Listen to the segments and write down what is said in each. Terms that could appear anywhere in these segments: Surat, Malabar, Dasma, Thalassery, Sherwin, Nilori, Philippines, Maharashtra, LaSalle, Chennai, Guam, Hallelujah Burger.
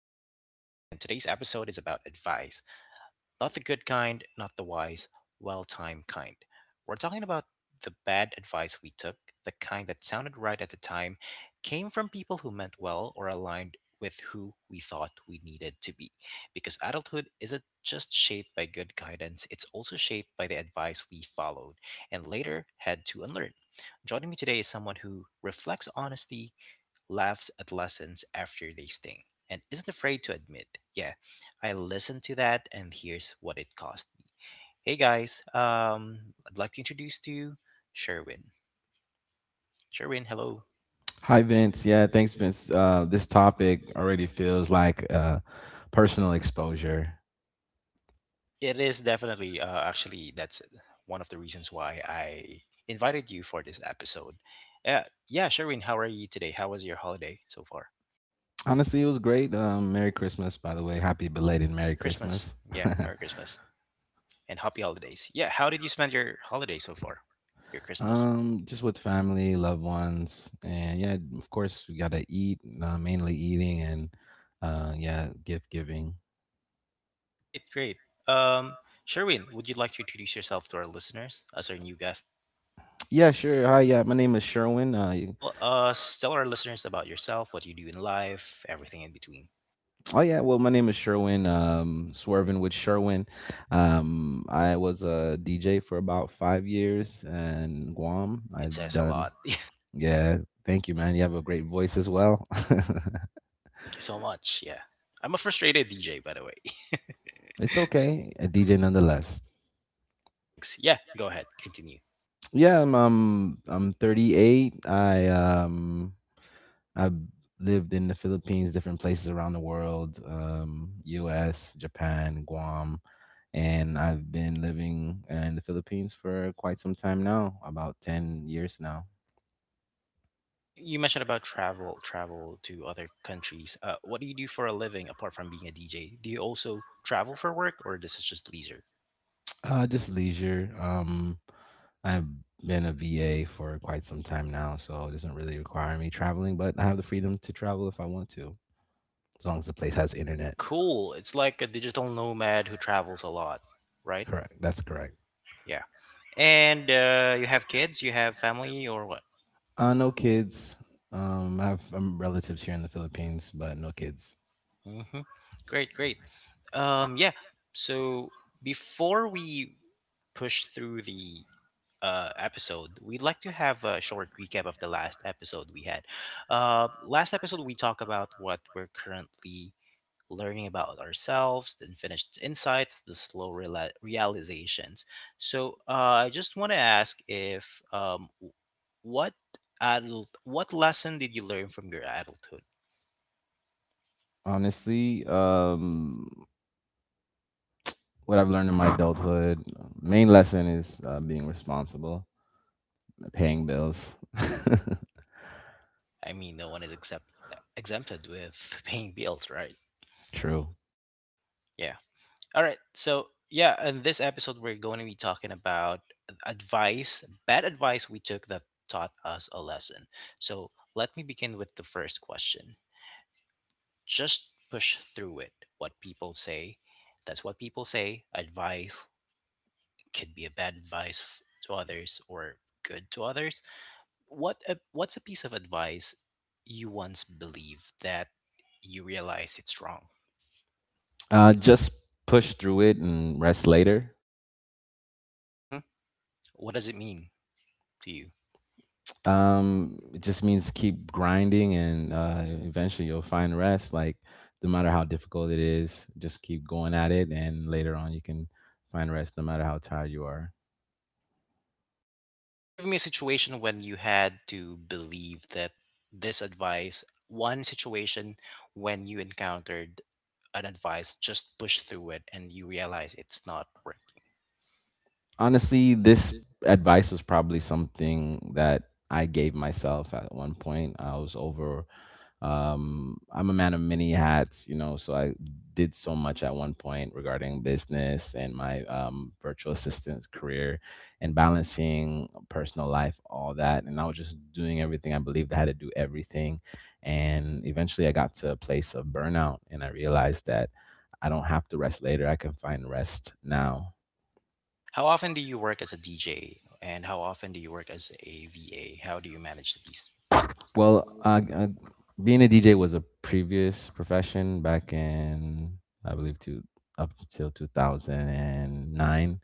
with Fans. And today's episode is about advice, not the good kind, not the wise, well timed kind. We're talking about the bad advice we took, the kind that sounded right at the time, came from people who meant well or aligned with who we thought we needed to be. Because adulthood isn't just shaped by good guidance, it's also shaped by the advice we followed and later had to unlearn. Joining me today is someone who reflects honestly, laughs at lessons after they sting, and isn't afraid to admit, yeah, I listened to that and here's what it cost me. Hey guys, I'd like to introduce to you Sherwin. Sherwin, hello. Hi, Vince. Yeah, thanks, Vince. This topic already feels like personal exposure. It is definitely, actually, that's one of the reasons why I invited you for this episode. Uh, yeah, Sherwin, how are you today? How was your holiday so far? Honestly, it was great. Merry Christmas, by the way. Happy belated Merry Merry Christmas. Christmas. Yeah, Merry Christmas. And happy holidays. Yeah, how did you spend your holiday so far? Your Christmas? Just with family, loved ones, and yeah, of course, we gotta eat. Mainly eating and yeah, gift giving. Great, great. Um, Sherwin, would you like to introduce yourself to our listeners as our new guest? Yeah, sure. Hi, yeah, my name is Sherwin. Tell us, tell our listeners about yourself, what you do in life, everything in between. Oh yeah, well my name is Sherwin, Swerving with Sherwin. I was a DJ for about 5 years in Guam. It I've says a done lot. yeah, thank you man. You have a great voice as well. Thank you so much. Yeah, I'm a frustrated DJ, by the way. It's okay. A DJ nonetheless. Thanks. Yeah, go ahead. Continue. Yeah, I'm 38. I've lived in the Philippines, different places around the world, U.S., Japan, Guam, and I've been living in the Philippines for quite some time now, about 10 years now. You mentioned about travel to other countries. What do you do for a living apart from being a DJ? Do you also travel for work, or this is just leisure? Just leisure. I've been a VA for quite some time now, so it doesn't really require me traveling, but I have the freedom to travel if I want to, as long as the place has internet. Cool. It's like a digital nomad who travels a lot, right? Correct. That's correct. Yeah. And you have kids, you have family, or what? No kids. I have relatives here in the Philippines, but no kids. Hmm. Great, great. Yeah. So before we push through the episode, we'd like to have a short recap of the last episode we had. Last episode, we talked about what we're currently learning about ourselves, the unfinished insights, the slow realizations. So I just want to ask if what adult what lesson did you learn from your adulthood? Honestly, what I've learned in my adulthood, main lesson is being responsible, paying bills. I mean, no one is exempted with paying bills, right? True. Yeah. All right. So, yeah, in this episode we're going to be talking about advice, bad advice we took that taught us a lesson. So, let me begin with the first question. Just push through it. What people say, that's what people say. Advice could be a bad advice to others or good to others, what's a piece of advice you once believed that you realize it's wrong? Just push through it and rest later. Hmm. What does it mean to you? It just means keep grinding and eventually you'll find rest. Like, no matter how difficult it is, just keep going at it, and later on you can find rest no matter how tired you are. Can you give me a situation when you had to believe that this advice, one situation when you encountered an advice, just push through it and you realize it's not working? Honestly, this advice was probably something that I gave myself at one point. I was over. I'm a man of many hats, you know, so I did so much at one point regarding business and my virtual assistant's career and balancing personal life, all that. And I was just doing everything. I believed I had to do everything. And eventually I got to a place of burnout and I realized that I don't have to rest later. I can find rest now. How often do you work as a DJ and how often do you work as a VA? How do you manage these? Well, being a DJ was a previous profession back in, I believe, two up till 2009.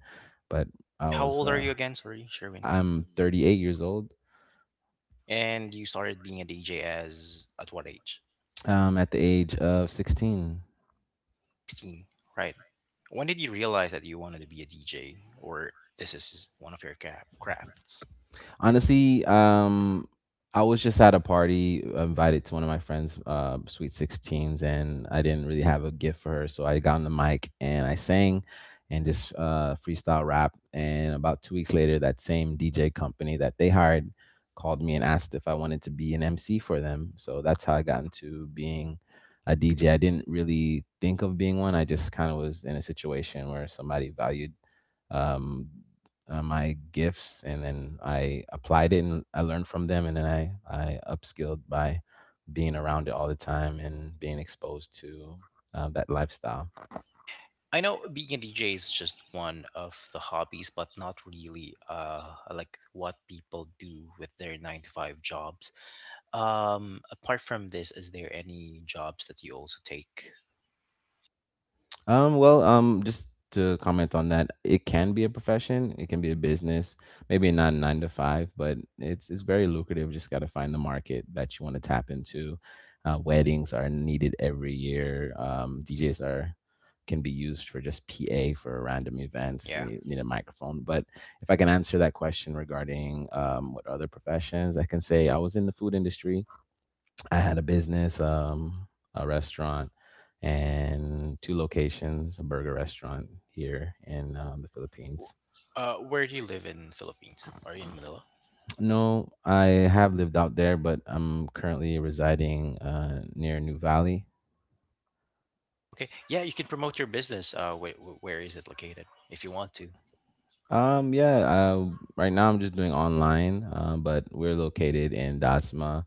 But I How was, old are uh, you again? Sorry, Sherwin. I'm 38 years old. And you started being a DJ as at what age? At the age of 16. 16, right? When did you realize that you wanted to be a DJ or this is one of your crafts? Honestly, I was just at a party invited to one of my friends' sweet sixteens, and I didn't really have a gift for her, so I got on the mic and I sang and just freestyle rap. And about 2 weeks later, that same DJ company that they hired called me and asked if I wanted to be an MC for them. So that's how I got into being a DJ. I didn't really think of being one. I just kind of was in a situation where somebody valued um, my gifts and then I applied it and I learned from them and then I upskilled by being around it all the time and being exposed to that lifestyle. I know being a DJ is just one of the hobbies, but not really like what people do with their nine to five jobs. Apart from this, is there any jobs that you also take? Just to comment on that, it can be a profession, it can be a business, maybe not nine to five, but it's very lucrative. Just got to find the market that you want to tap into. Weddings are needed every year. DJs are can be used for just PA for random events. Yeah. You need a microphone, but if I can answer that question regarding what other professions, I can say I was in the food industry. I had a business, a restaurant, and two locations, a burger restaurant here in the Philippines. Where do you live in Philippines? Are you in Manila? No, I have lived out there, but I'm currently residing near New Valley. Okay. Yeah, you can promote your business. Wait, where is it located if you want to? Um, yeah, uh, right now I'm just doing online, but we're located in Dasma,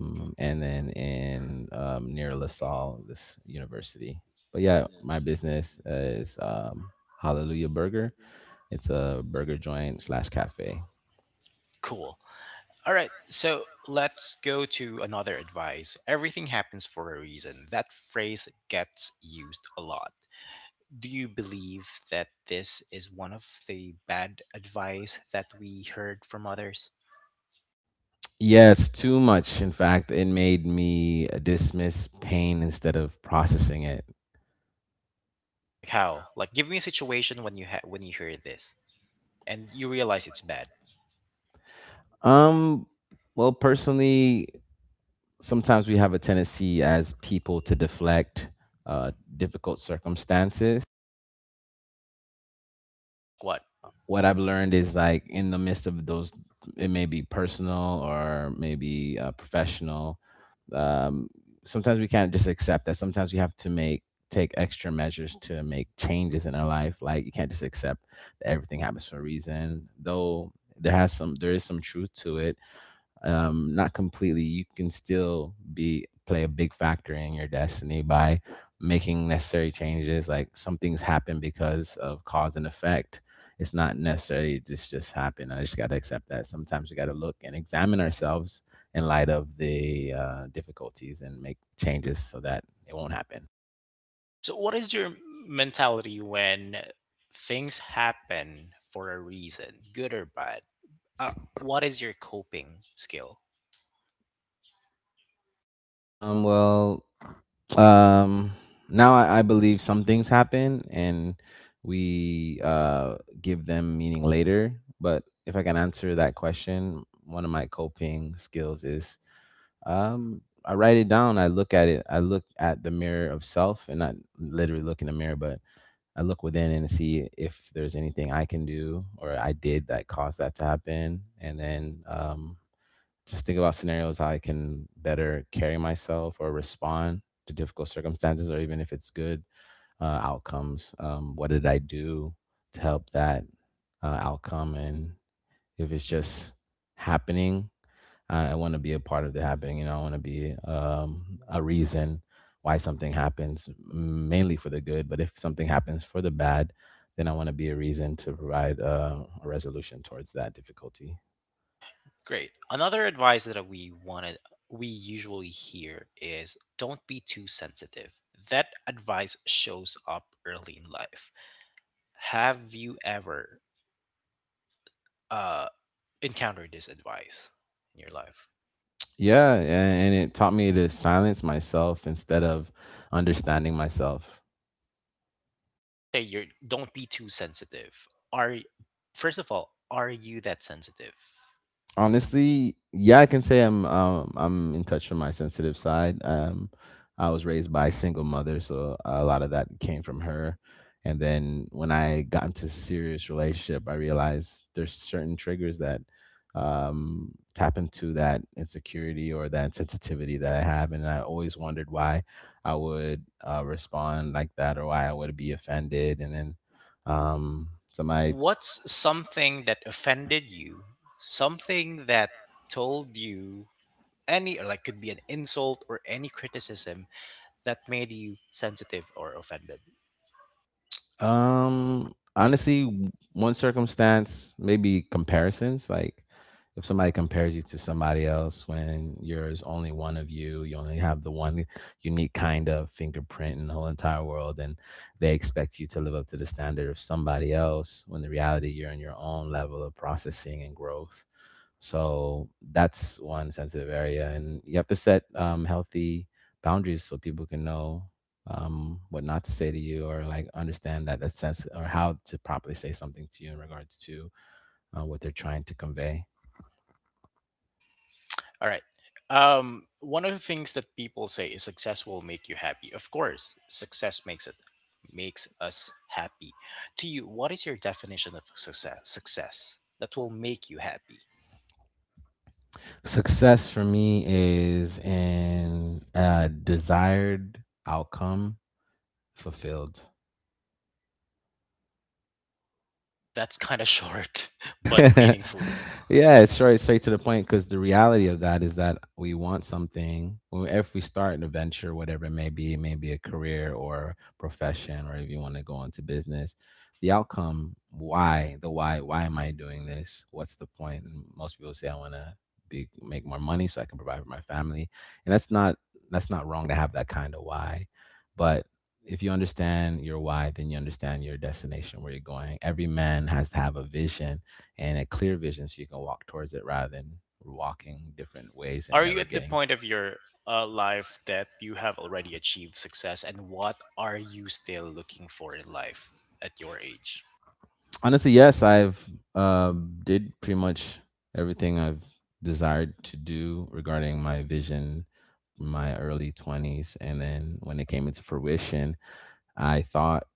Hmm. and then in near LaSalle, this university. But yeah, my business is Hallelujah Burger. It's a burger joint slash cafe. Cool. All right. So let's go to another advice. Everything happens for a reason. That phrase gets used a lot. Do you believe that this is one of the bad advice that we heard from others? Yes, too much. In fact, it made me dismiss pain instead of processing it. Like how? Like give me a situation when you when you hear this and you realize it's bad. Um, personally, sometimes we have a tendency as people to deflect uh, difficult circumstances. Like what? What I've learned is like in the midst of those, it may be personal or maybe professional. Um, sometimes we can't just accept that. Sometimes we have to make take extra measures to make changes in our life. Like you can't just accept that everything happens for a reason. Though there is some truth to it, not completely. You can still be play a big factor in your destiny by making necessary changes. Like some things happen because of cause and effect. It's not necessarily just happen. I just got to accept that. Sometimes we got to look and examine ourselves in light of the difficulties and make changes so that it won't happen. So, what is your mentality when things happen for a reason, good or bad? Uh, what is your coping skill? Um, well, um Now I believe some things happen and we give them meaning later, but if I can answer that question, one of my coping skills is I write it down. I look at it, I look at the mirror of self, and not literally look in the mirror, but I look within and see if there's anything I can do or I did that caused that to happen, and then just think about scenarios how I can better carry myself or respond to difficult circumstances, or even if it's good outcomes. What did I do to help that outcome? And if it's just happening, I want to be a part of the happening. You know, I want to be a reason why something happens, mainly for the good. But if something happens for the bad, then I want to be a reason to provide a resolution towards that difficulty. Great. Another advice that we wanted, we usually hear is don't be too sensitive. That advice shows up early in life. Have you ever uh, encountered this advice in your life? Yeah, a- and it taught me to silence myself instead of understanding myself. I'm gonna say you're don't be too sensitive. Are first of all, are you that sensitive? Honestly, yeah, I can say I'm in touch with my sensitive side. I was raised by a single mother, so a lot of that came from her. And then when I got into a serious relationship, I realized there's certain triggers that tap into that insecurity or that sensitivity that I have, and I always wondered why I would respond like that or why I would be offended. And then somebody. What's something that offended you? Something that told you any, or like could be an insult or any criticism that made you sensitive or offended. Honestly, one circumstance, maybe comparisons. Like, if somebody compares you to somebody else when there's only one of you, you only have the one unique kind of fingerprint in the whole entire world, and they expect you to live up to the standard of somebody else when the reality you're in your own level of processing and growth. So that's one sensitive area, and you have to set healthy boundaries so people can know what not to say to you, or like understand that that sense, or how to properly say something to you in regards to what they're trying to convey. All right. One of the things that people say is success will make you happy. Of course, success makes it makes us happy. To you, what is your definition of success? Success that will make you happy. Success for me is in a desired outcome fulfilled. That's kind of short, but mhm, meaningful. Yeah, it's straight to the point, because the reality of that is that we want something. If we start an adventure, whatever it may be a career or profession, or if you want to go into business, the outcome, why, the why am I doing this? What's the point? And most people say I want to be make more money so I can provide for my family, and that's not wrong to have that kind of why, but if you understand your why, then you understand your destination, where you're going. Every man has to have a vision, and a clear vision, so you can walk towards it rather than walking different ways and Are you never at the getting. point of your life that you have already achieved success, and what are you still looking for in life at your age? Honestly, yes, I've did pretty much everything I've desired to do regarding my vision in my early 20s, and then when it came into fruition, I thought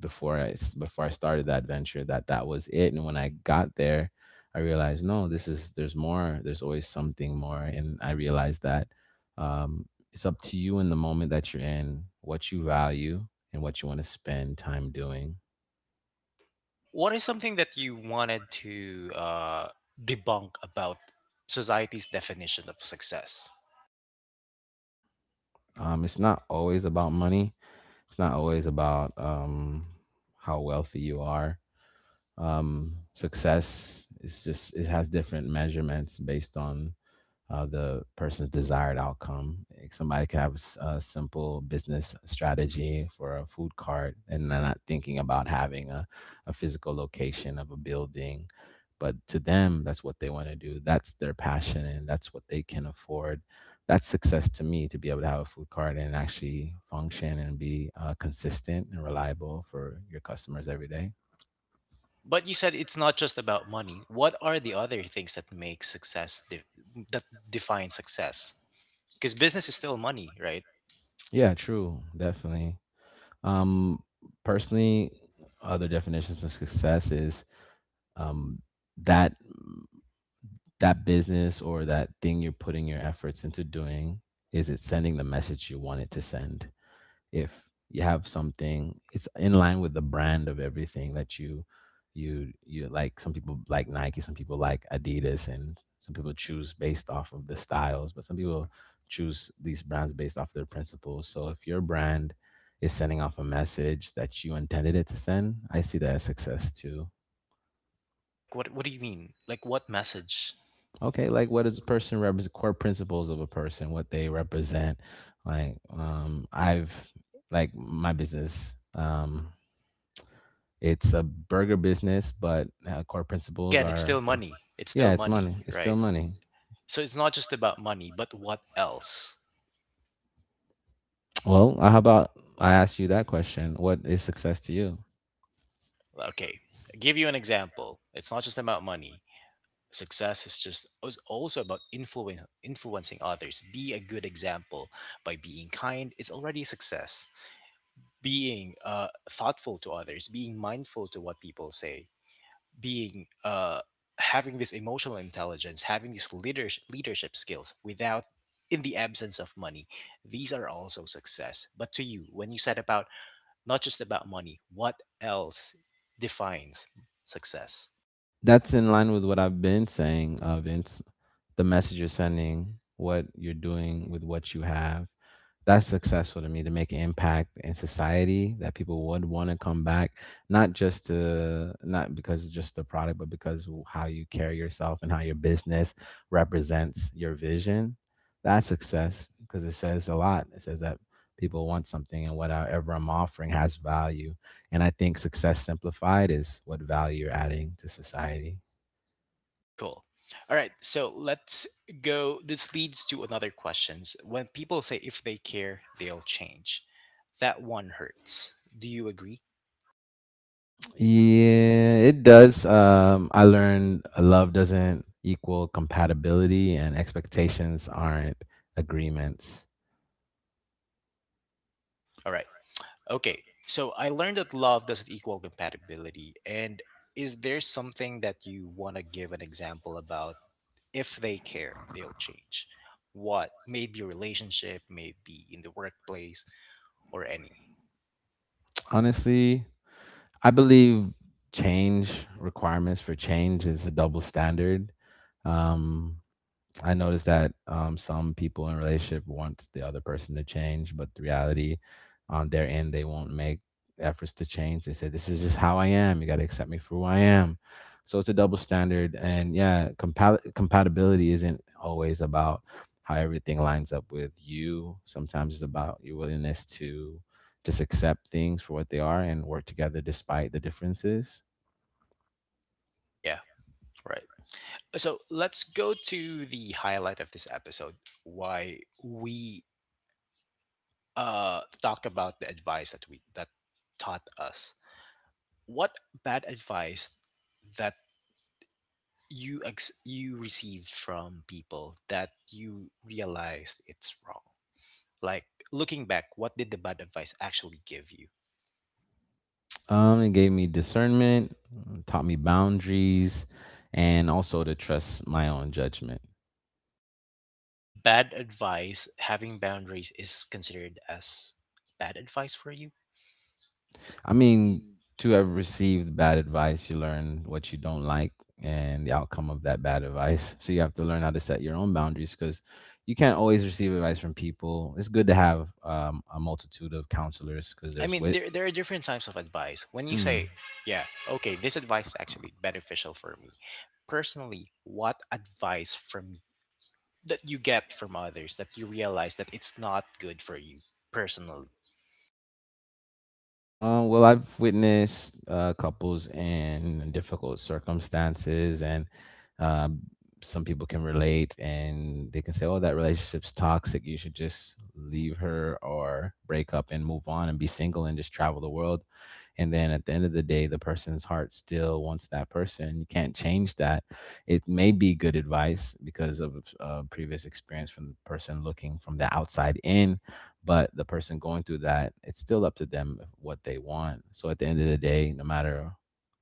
before I started that venture that that was it, and when I got there, I realized no, this is there's more. There's always something more, and I realized that um, it's up to you in the moment that you're in, what you value, and what you want to spend time doing. What is something that you wanted to debunk about society's definition of success? It's not always about money. It's not always about how wealthy you are. Success is just it has different measurements based on the person's desired outcome. Like, somebody could have a, a simple business strategy for a food cart, and they're not thinking about having a physical location of a building. But to them, that's what they want to do. That's their passion, and that's what they can afford. That's success to me, to be able to have a food cart and actually function and be consistent and reliable for your customers every day. But you said it's not just about money. What are the other things that make that define success? Because business is still money, right? Yeah, true, definitely. Um, personally, other definitions of success is um, that that business or that thing you're putting your efforts into doing, is it sending the message you want it to send? If you have something, it's in line with the brand of everything that you like. Some people like Nike, some people like Adidas, and some people choose based off of the styles, but some people choose these brands based off their principles. So if your brand is sending off a message that you intended it to send, I see that as success too. Like, what do you mean? Like, what message? Okay, like what does a person represent? Core principles of a person, what they represent. Like, I've like my business. It's a burger business, but core principles Again, it's are, still money. Yeah, It's it's money. money, It's It's still right? money. So it's not just about money, but what else? Well, how about I ask you that question? What is success to you? Well, okay, give you an example. It's not just about money. Success is just is also about influence, influencing others. Be a good example by being kind. It's already a success. Being thoughtful to others, being mindful to what people say, being having this emotional intelligence, having these leadership skills, without in the absence of money, these are also success. But to you, when you said about not just about money, what else defines success? That's in line with what I've been saying, Vince. The message you're sending, what you're doing with what you have, that's successful to me, to make an impact in society that people would want to come back, not just to, not because it's just the product, but because how you carry yourself and how your business represents your vision. That's success because it says a lot. It says that people want something and whatever I'm offering has value, and I think success simplified is what value you're adding to society. Cool. All right, so let's go. This leads to another questions: when people say if they care they'll change, that one hurts. Do you agree? Yeah, it does. I learned love doesn't equal compatibility, and expectations aren't agreements. All right. Okay, so I learned that love doesn't equal compatibility. And is there something that you want to give an example about? If they care, they'll change. What? Maybe relationship, maybe in the workplace, or any. Honestly, I believe change, requirements for change is a double standard. Um, I noticed that some people in a relationship want the other person to change, but the reality on their end, they won't make efforts to change. They say, "This is just how I am. You got to accept me for who I am." So it's a double standard, and yeah, compatibility isn't always about how everything lines up with you. Sometimes it's about your willingness to just accept things for what they are and work together despite the differences. Yeah, right. So let's go to the highlight of this episode. Why we talk about the advice that we that taught us. What bad advice that you you received from people that you realized it's wrong? Like, looking back, what did the bad advice actually give you? It gave me discernment, taught me boundaries, and also to trust my own judgment. Bad advice, having boundaries is considered as bad advice for you? I mean, to have received bad advice, you learn what you don't like and the outcome of that bad advice. So you have to learn how to set your own boundaries, because you can't always receive advice from people. It's good to have a multitude of counselors because I there's mean, wit. There are different types of advice. When you Hmm. say yeah, okay, this advice is actually beneficial for me personally, what advice from that you get from others that you realize that it's not good for you personally? Well, I've witnessed couples in difficult circumstances, and um, some people can relate and they can say, "Oh, that relationship's toxic. You should just leave her or break up and move on and be single and just travel the world." And then at the end of the day, the person's heart still wants that person. You can't change that. It may be good advice because of previous experience from the person looking from the outside in, but the person going through that, it's still up to them what they want. So at the end of the day, no matter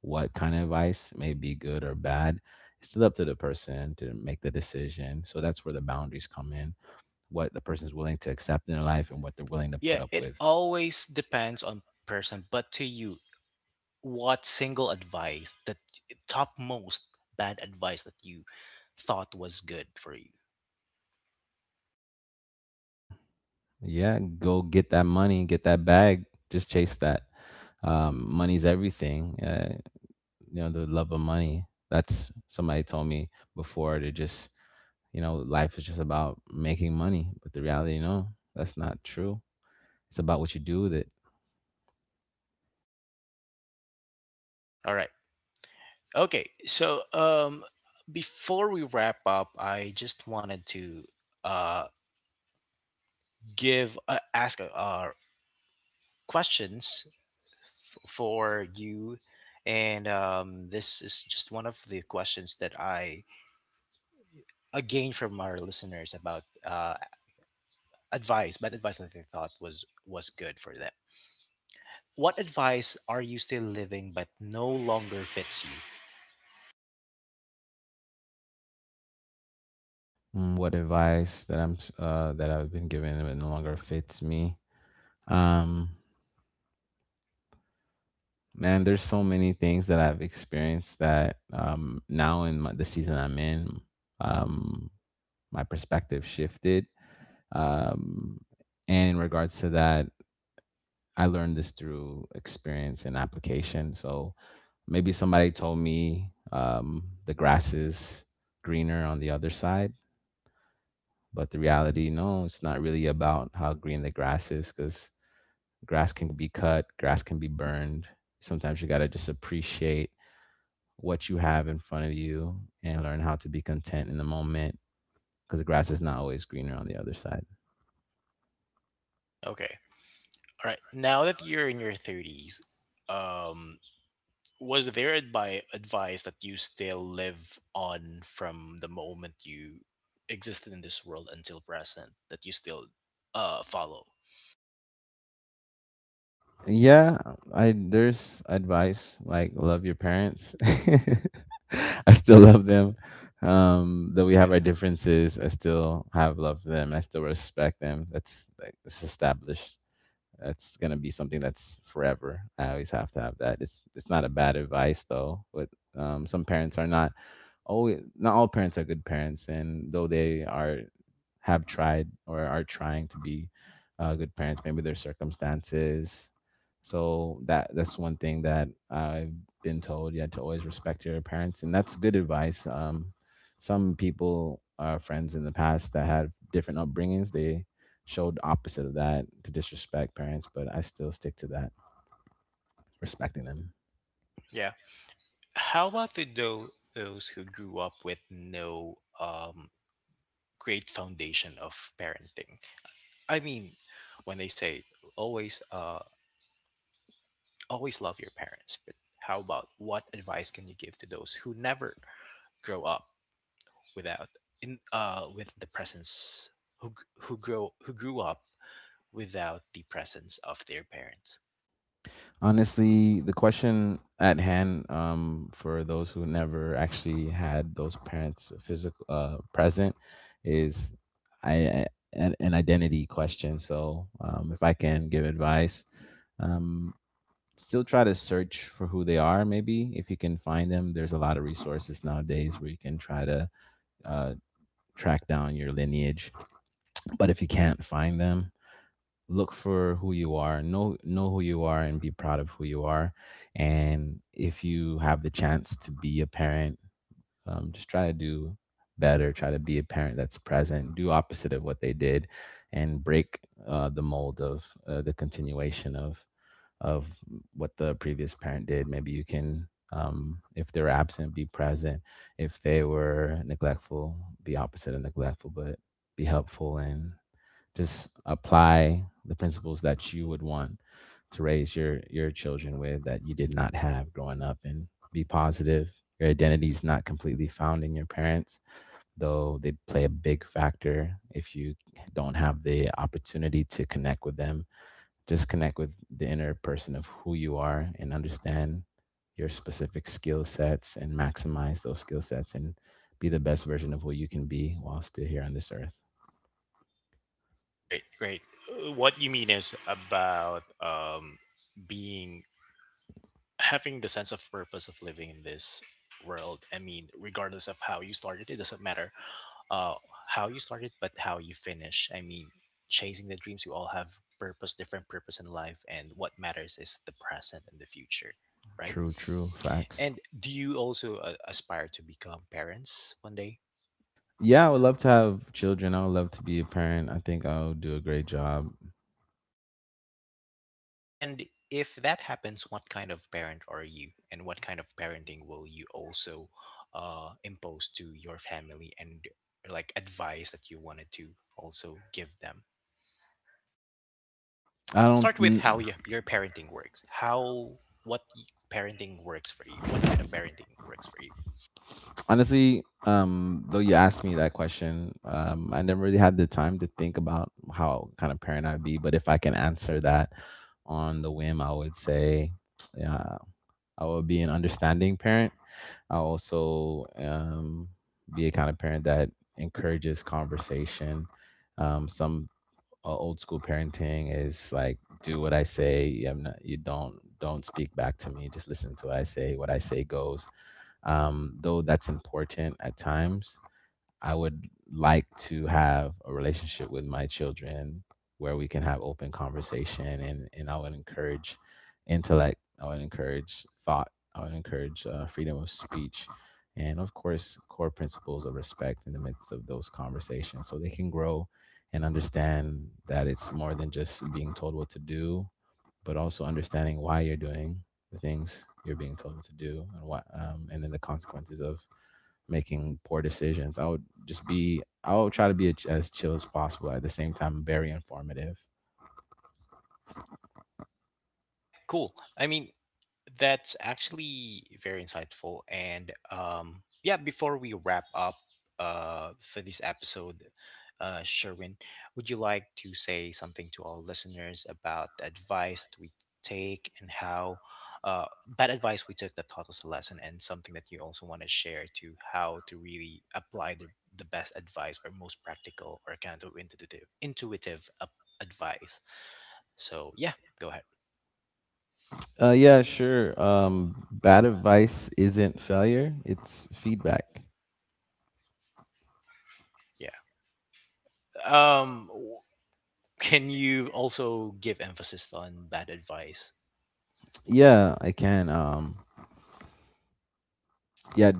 what kind of advice, may be good or bad, it's still up to the person to make the decision. So that's where the boundaries come in, what the person's willing to accept in their life and what they're willing to put Yeah, up it with. always depends on person, but to you, what single advice, that topmost bad advice, that you thought was good for you? Yeah, go get that money, get that bag, just chase that. Money's everything. You know the love of money, that's somebody told me before, to just, you know, life is just about making money. But the reality, no, that's not true. It's about what you do with it. All right. Okay. So, um, before we wrap up, I just wanted to uh give ask questions for you, and um, this is just one of the questions that I gained from our listeners about advice, bad advice that they thought was good for them. What advice are you still living but no longer fits you? Mm, what advice that that I've been given that no longer fits me? um man, there's so many things that I've experienced that now in my, the season I'm in, um my perspective shifted. Um, and in regards to that, I learned this through experience and application. So maybe somebody told me, the grass is greener on the other side, but the reality, no, it's not really about how green the grass is, because grass can be cut, grass can be burned. Sometimes you got to just appreciate what you have in front of you and learn how to be content in the moment, because the grass is not always greener on the other side. Okay. All right. Now that you're in your 30s, um, was there advice that you still live on from the moment you existed in this world until present that you still follow? Yeah, I, there's advice like love your parents. I still love them. Though we have Yeah. our differences, I still have love for them. I still respect them. That's like, it's established. That's gonna be something that's forever. I always have to have that. It's not a bad advice though, but some parents are not always. Not all parents are good parents, and though they are, have tried or are trying to be good parents, maybe their circumstances. So that's one thing that I've been told. Yeah, to always respect your parents, and that's good advice. Some people are friends in the past that have different upbringings. They showed opposite of that, to disrespect parents, but I still stick to that, respecting them. Yeah. How about tho- those who grew up with no um, great foundation of parenting? I mean, when they say always, always love your parents, but how about what advice can you give to those who never grow up without, in with the presence, who g- who grow who grew up without the presence of their parents? Honestly, the question at hand, for those who never actually had those parents physical, present, is I, I- an identity question. So if I can give advice, um, still try to search for who they are. Maybe if you can find them, there's a lot of resources nowadays where you can try to uh, track down your lineage. But if you can't find them, look for who you are. Know who you are and be proud of who you are. And if you have the chance to be a parent, just try to do better, try to be a parent that's present, do opposite of what they did, and break the mold of the continuation of what the previous parent did. Maybe you can, if they're absent, be present. If they were neglectful, be opposite of neglectful, but be helpful, and just apply the principles that you would want to raise your children with that you did not have growing up, and be positive. Your identity is not completely found in your parents, though they play a big factor. If you don't have the opportunity to connect with them, just connect with the inner person of who you are, and understand your specific skill sets and maximize those skill sets, and be the best version of who you can be while still here on this earth. Great, great. What you mean is about being, having the sense of purpose of living in this world. I mean, regardless of how you started, it doesn't matter uh, how you started but how you finish. I mean, chasing the dreams, we all have purpose, different purpose in life, and what matters is the present and the future, right? True, true facts. And do you also aspire to become parents one day? Yeah, I would love to have children. I would love to be a parent. I think I'll do a great job. And if that happens, what kind of parent are you, and what kind of parenting will you also impose to your family, and like advice that you wanted to also give them? I Let's don't. start with how your parenting works. How what y- parenting works for you? What kind of parenting works for you? Honestly, though you asked me that question, I never really had the time to think about how kind of parent I'd be, but if I can answer that on the whim, I would say yeah, I would be an understanding parent. I'll also be a kind of parent that encourages conversation. Some old school parenting is like, do what I say, I'm not, you don't speak back to me, just listen to what I say, what I say goes. Though that's important at times, I would like to have a relationship with my children where we can have open conversation, and I would encourage intellect, I would encourage thought, I would encourage freedom of speech, and of course, core principles of respect in the midst of those conversations, so they can grow and understand that it's more than just being told what to do, but also understanding why you're doing the things you're being told what to do, and what and then the consequences of making poor decisions. I would just be, I would try to be as chill as possible. At the same time, very informative. Yeah, cool. I mean, that's actually very insightful. And yeah, before we wrap up for this episode, Sherwin, would you like to say something to our listeners about the advice that we take and how bad advice we took that taught us a lesson, and something that you also want to share to how to really apply the best advice or most practical or kind, counterintuitive, intuitive advice? So, yeah, go ahead. Yeah, sure. Bad advice isn't failure; it's feedback. Yeah. Um, can you also give emphasis on bad advice? Yeah, I can. Yeah,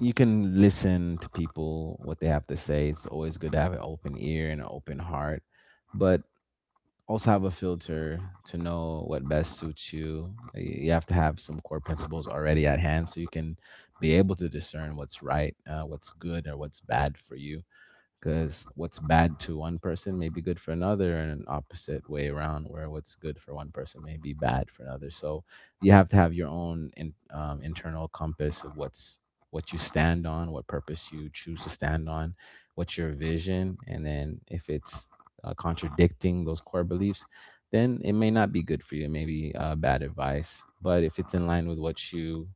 you can listen to people, what they have to say. It's always good to have an open ear and an open heart. But also have a filter to know what best suits you. You have to have some core principles already at hand, so you can be able to discern what's right, what's good, or what's bad for you, because what's bad to one person may be good for another, and an opposite way around where what's good for one person may be bad for another. So you have to have your own internal compass of what's, what you stand on, what purpose you choose to stand on, what's your vision, and then if it's contradicting those core beliefs, then it may not be good for you, maybe bad advice. But if it's in line with what you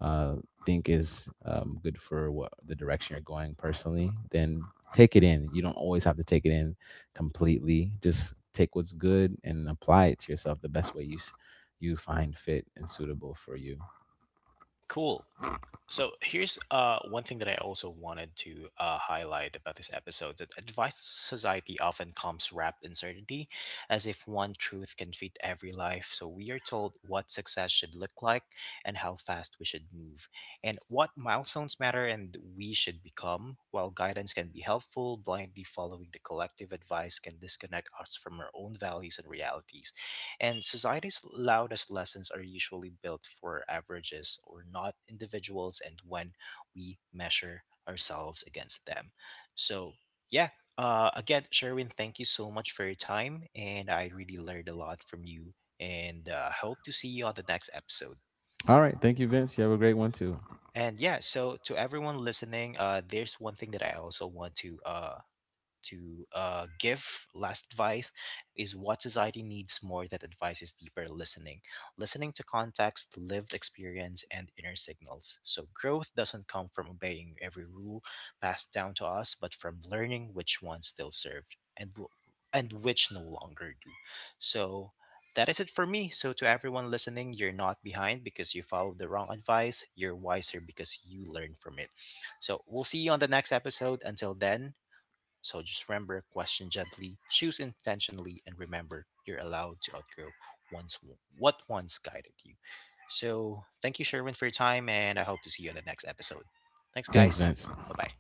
uh, think is good for what the direction you're going personally, then take it in. You don't always have to take it in completely. Just take what's good and apply it to yourself the best way you you find fit and suitable for you. Cool. So here's one thing that I also wanted to highlight about this episode, that advice society often comes wrapped in certainty, as if one truth can fit every life. So we are told what success should look like, and how fast we should move, and what milestones matter and we should become. While guidance can be helpful, blindly following the collective advice can disconnect us from our own values and realities. And society's loudest lessons are usually built for averages or not individuals, and when we measure ourselves against them. So, yeah, again, Sherwin, thank you so much for your time. And I really learned a lot from you, and hope to see you on the next episode. All right, thank you, Vince. You have a great one too. And yeah, so to everyone listening, there's one thing that I also want to give last advice, is what society needs more that advice is deeper listening, listening to context, lived experience, and inner signals. So growth doesn't come from obeying every rule passed down to us, but from learning which ones still served, and which no longer do. So that is it for me. So, to everyone listening, you're not behind because you followed the wrong advice. You're wiser because you learned from it. So, we'll see you on the next episode. Until then, so just remember, question gently, choose intentionally, and remember you're allowed to outgrow once what once guided you. So thank you, Sherwin, for your time, and I hope to see you in the next episode. Thanks, Thanks, guys. Vince. Bye bye.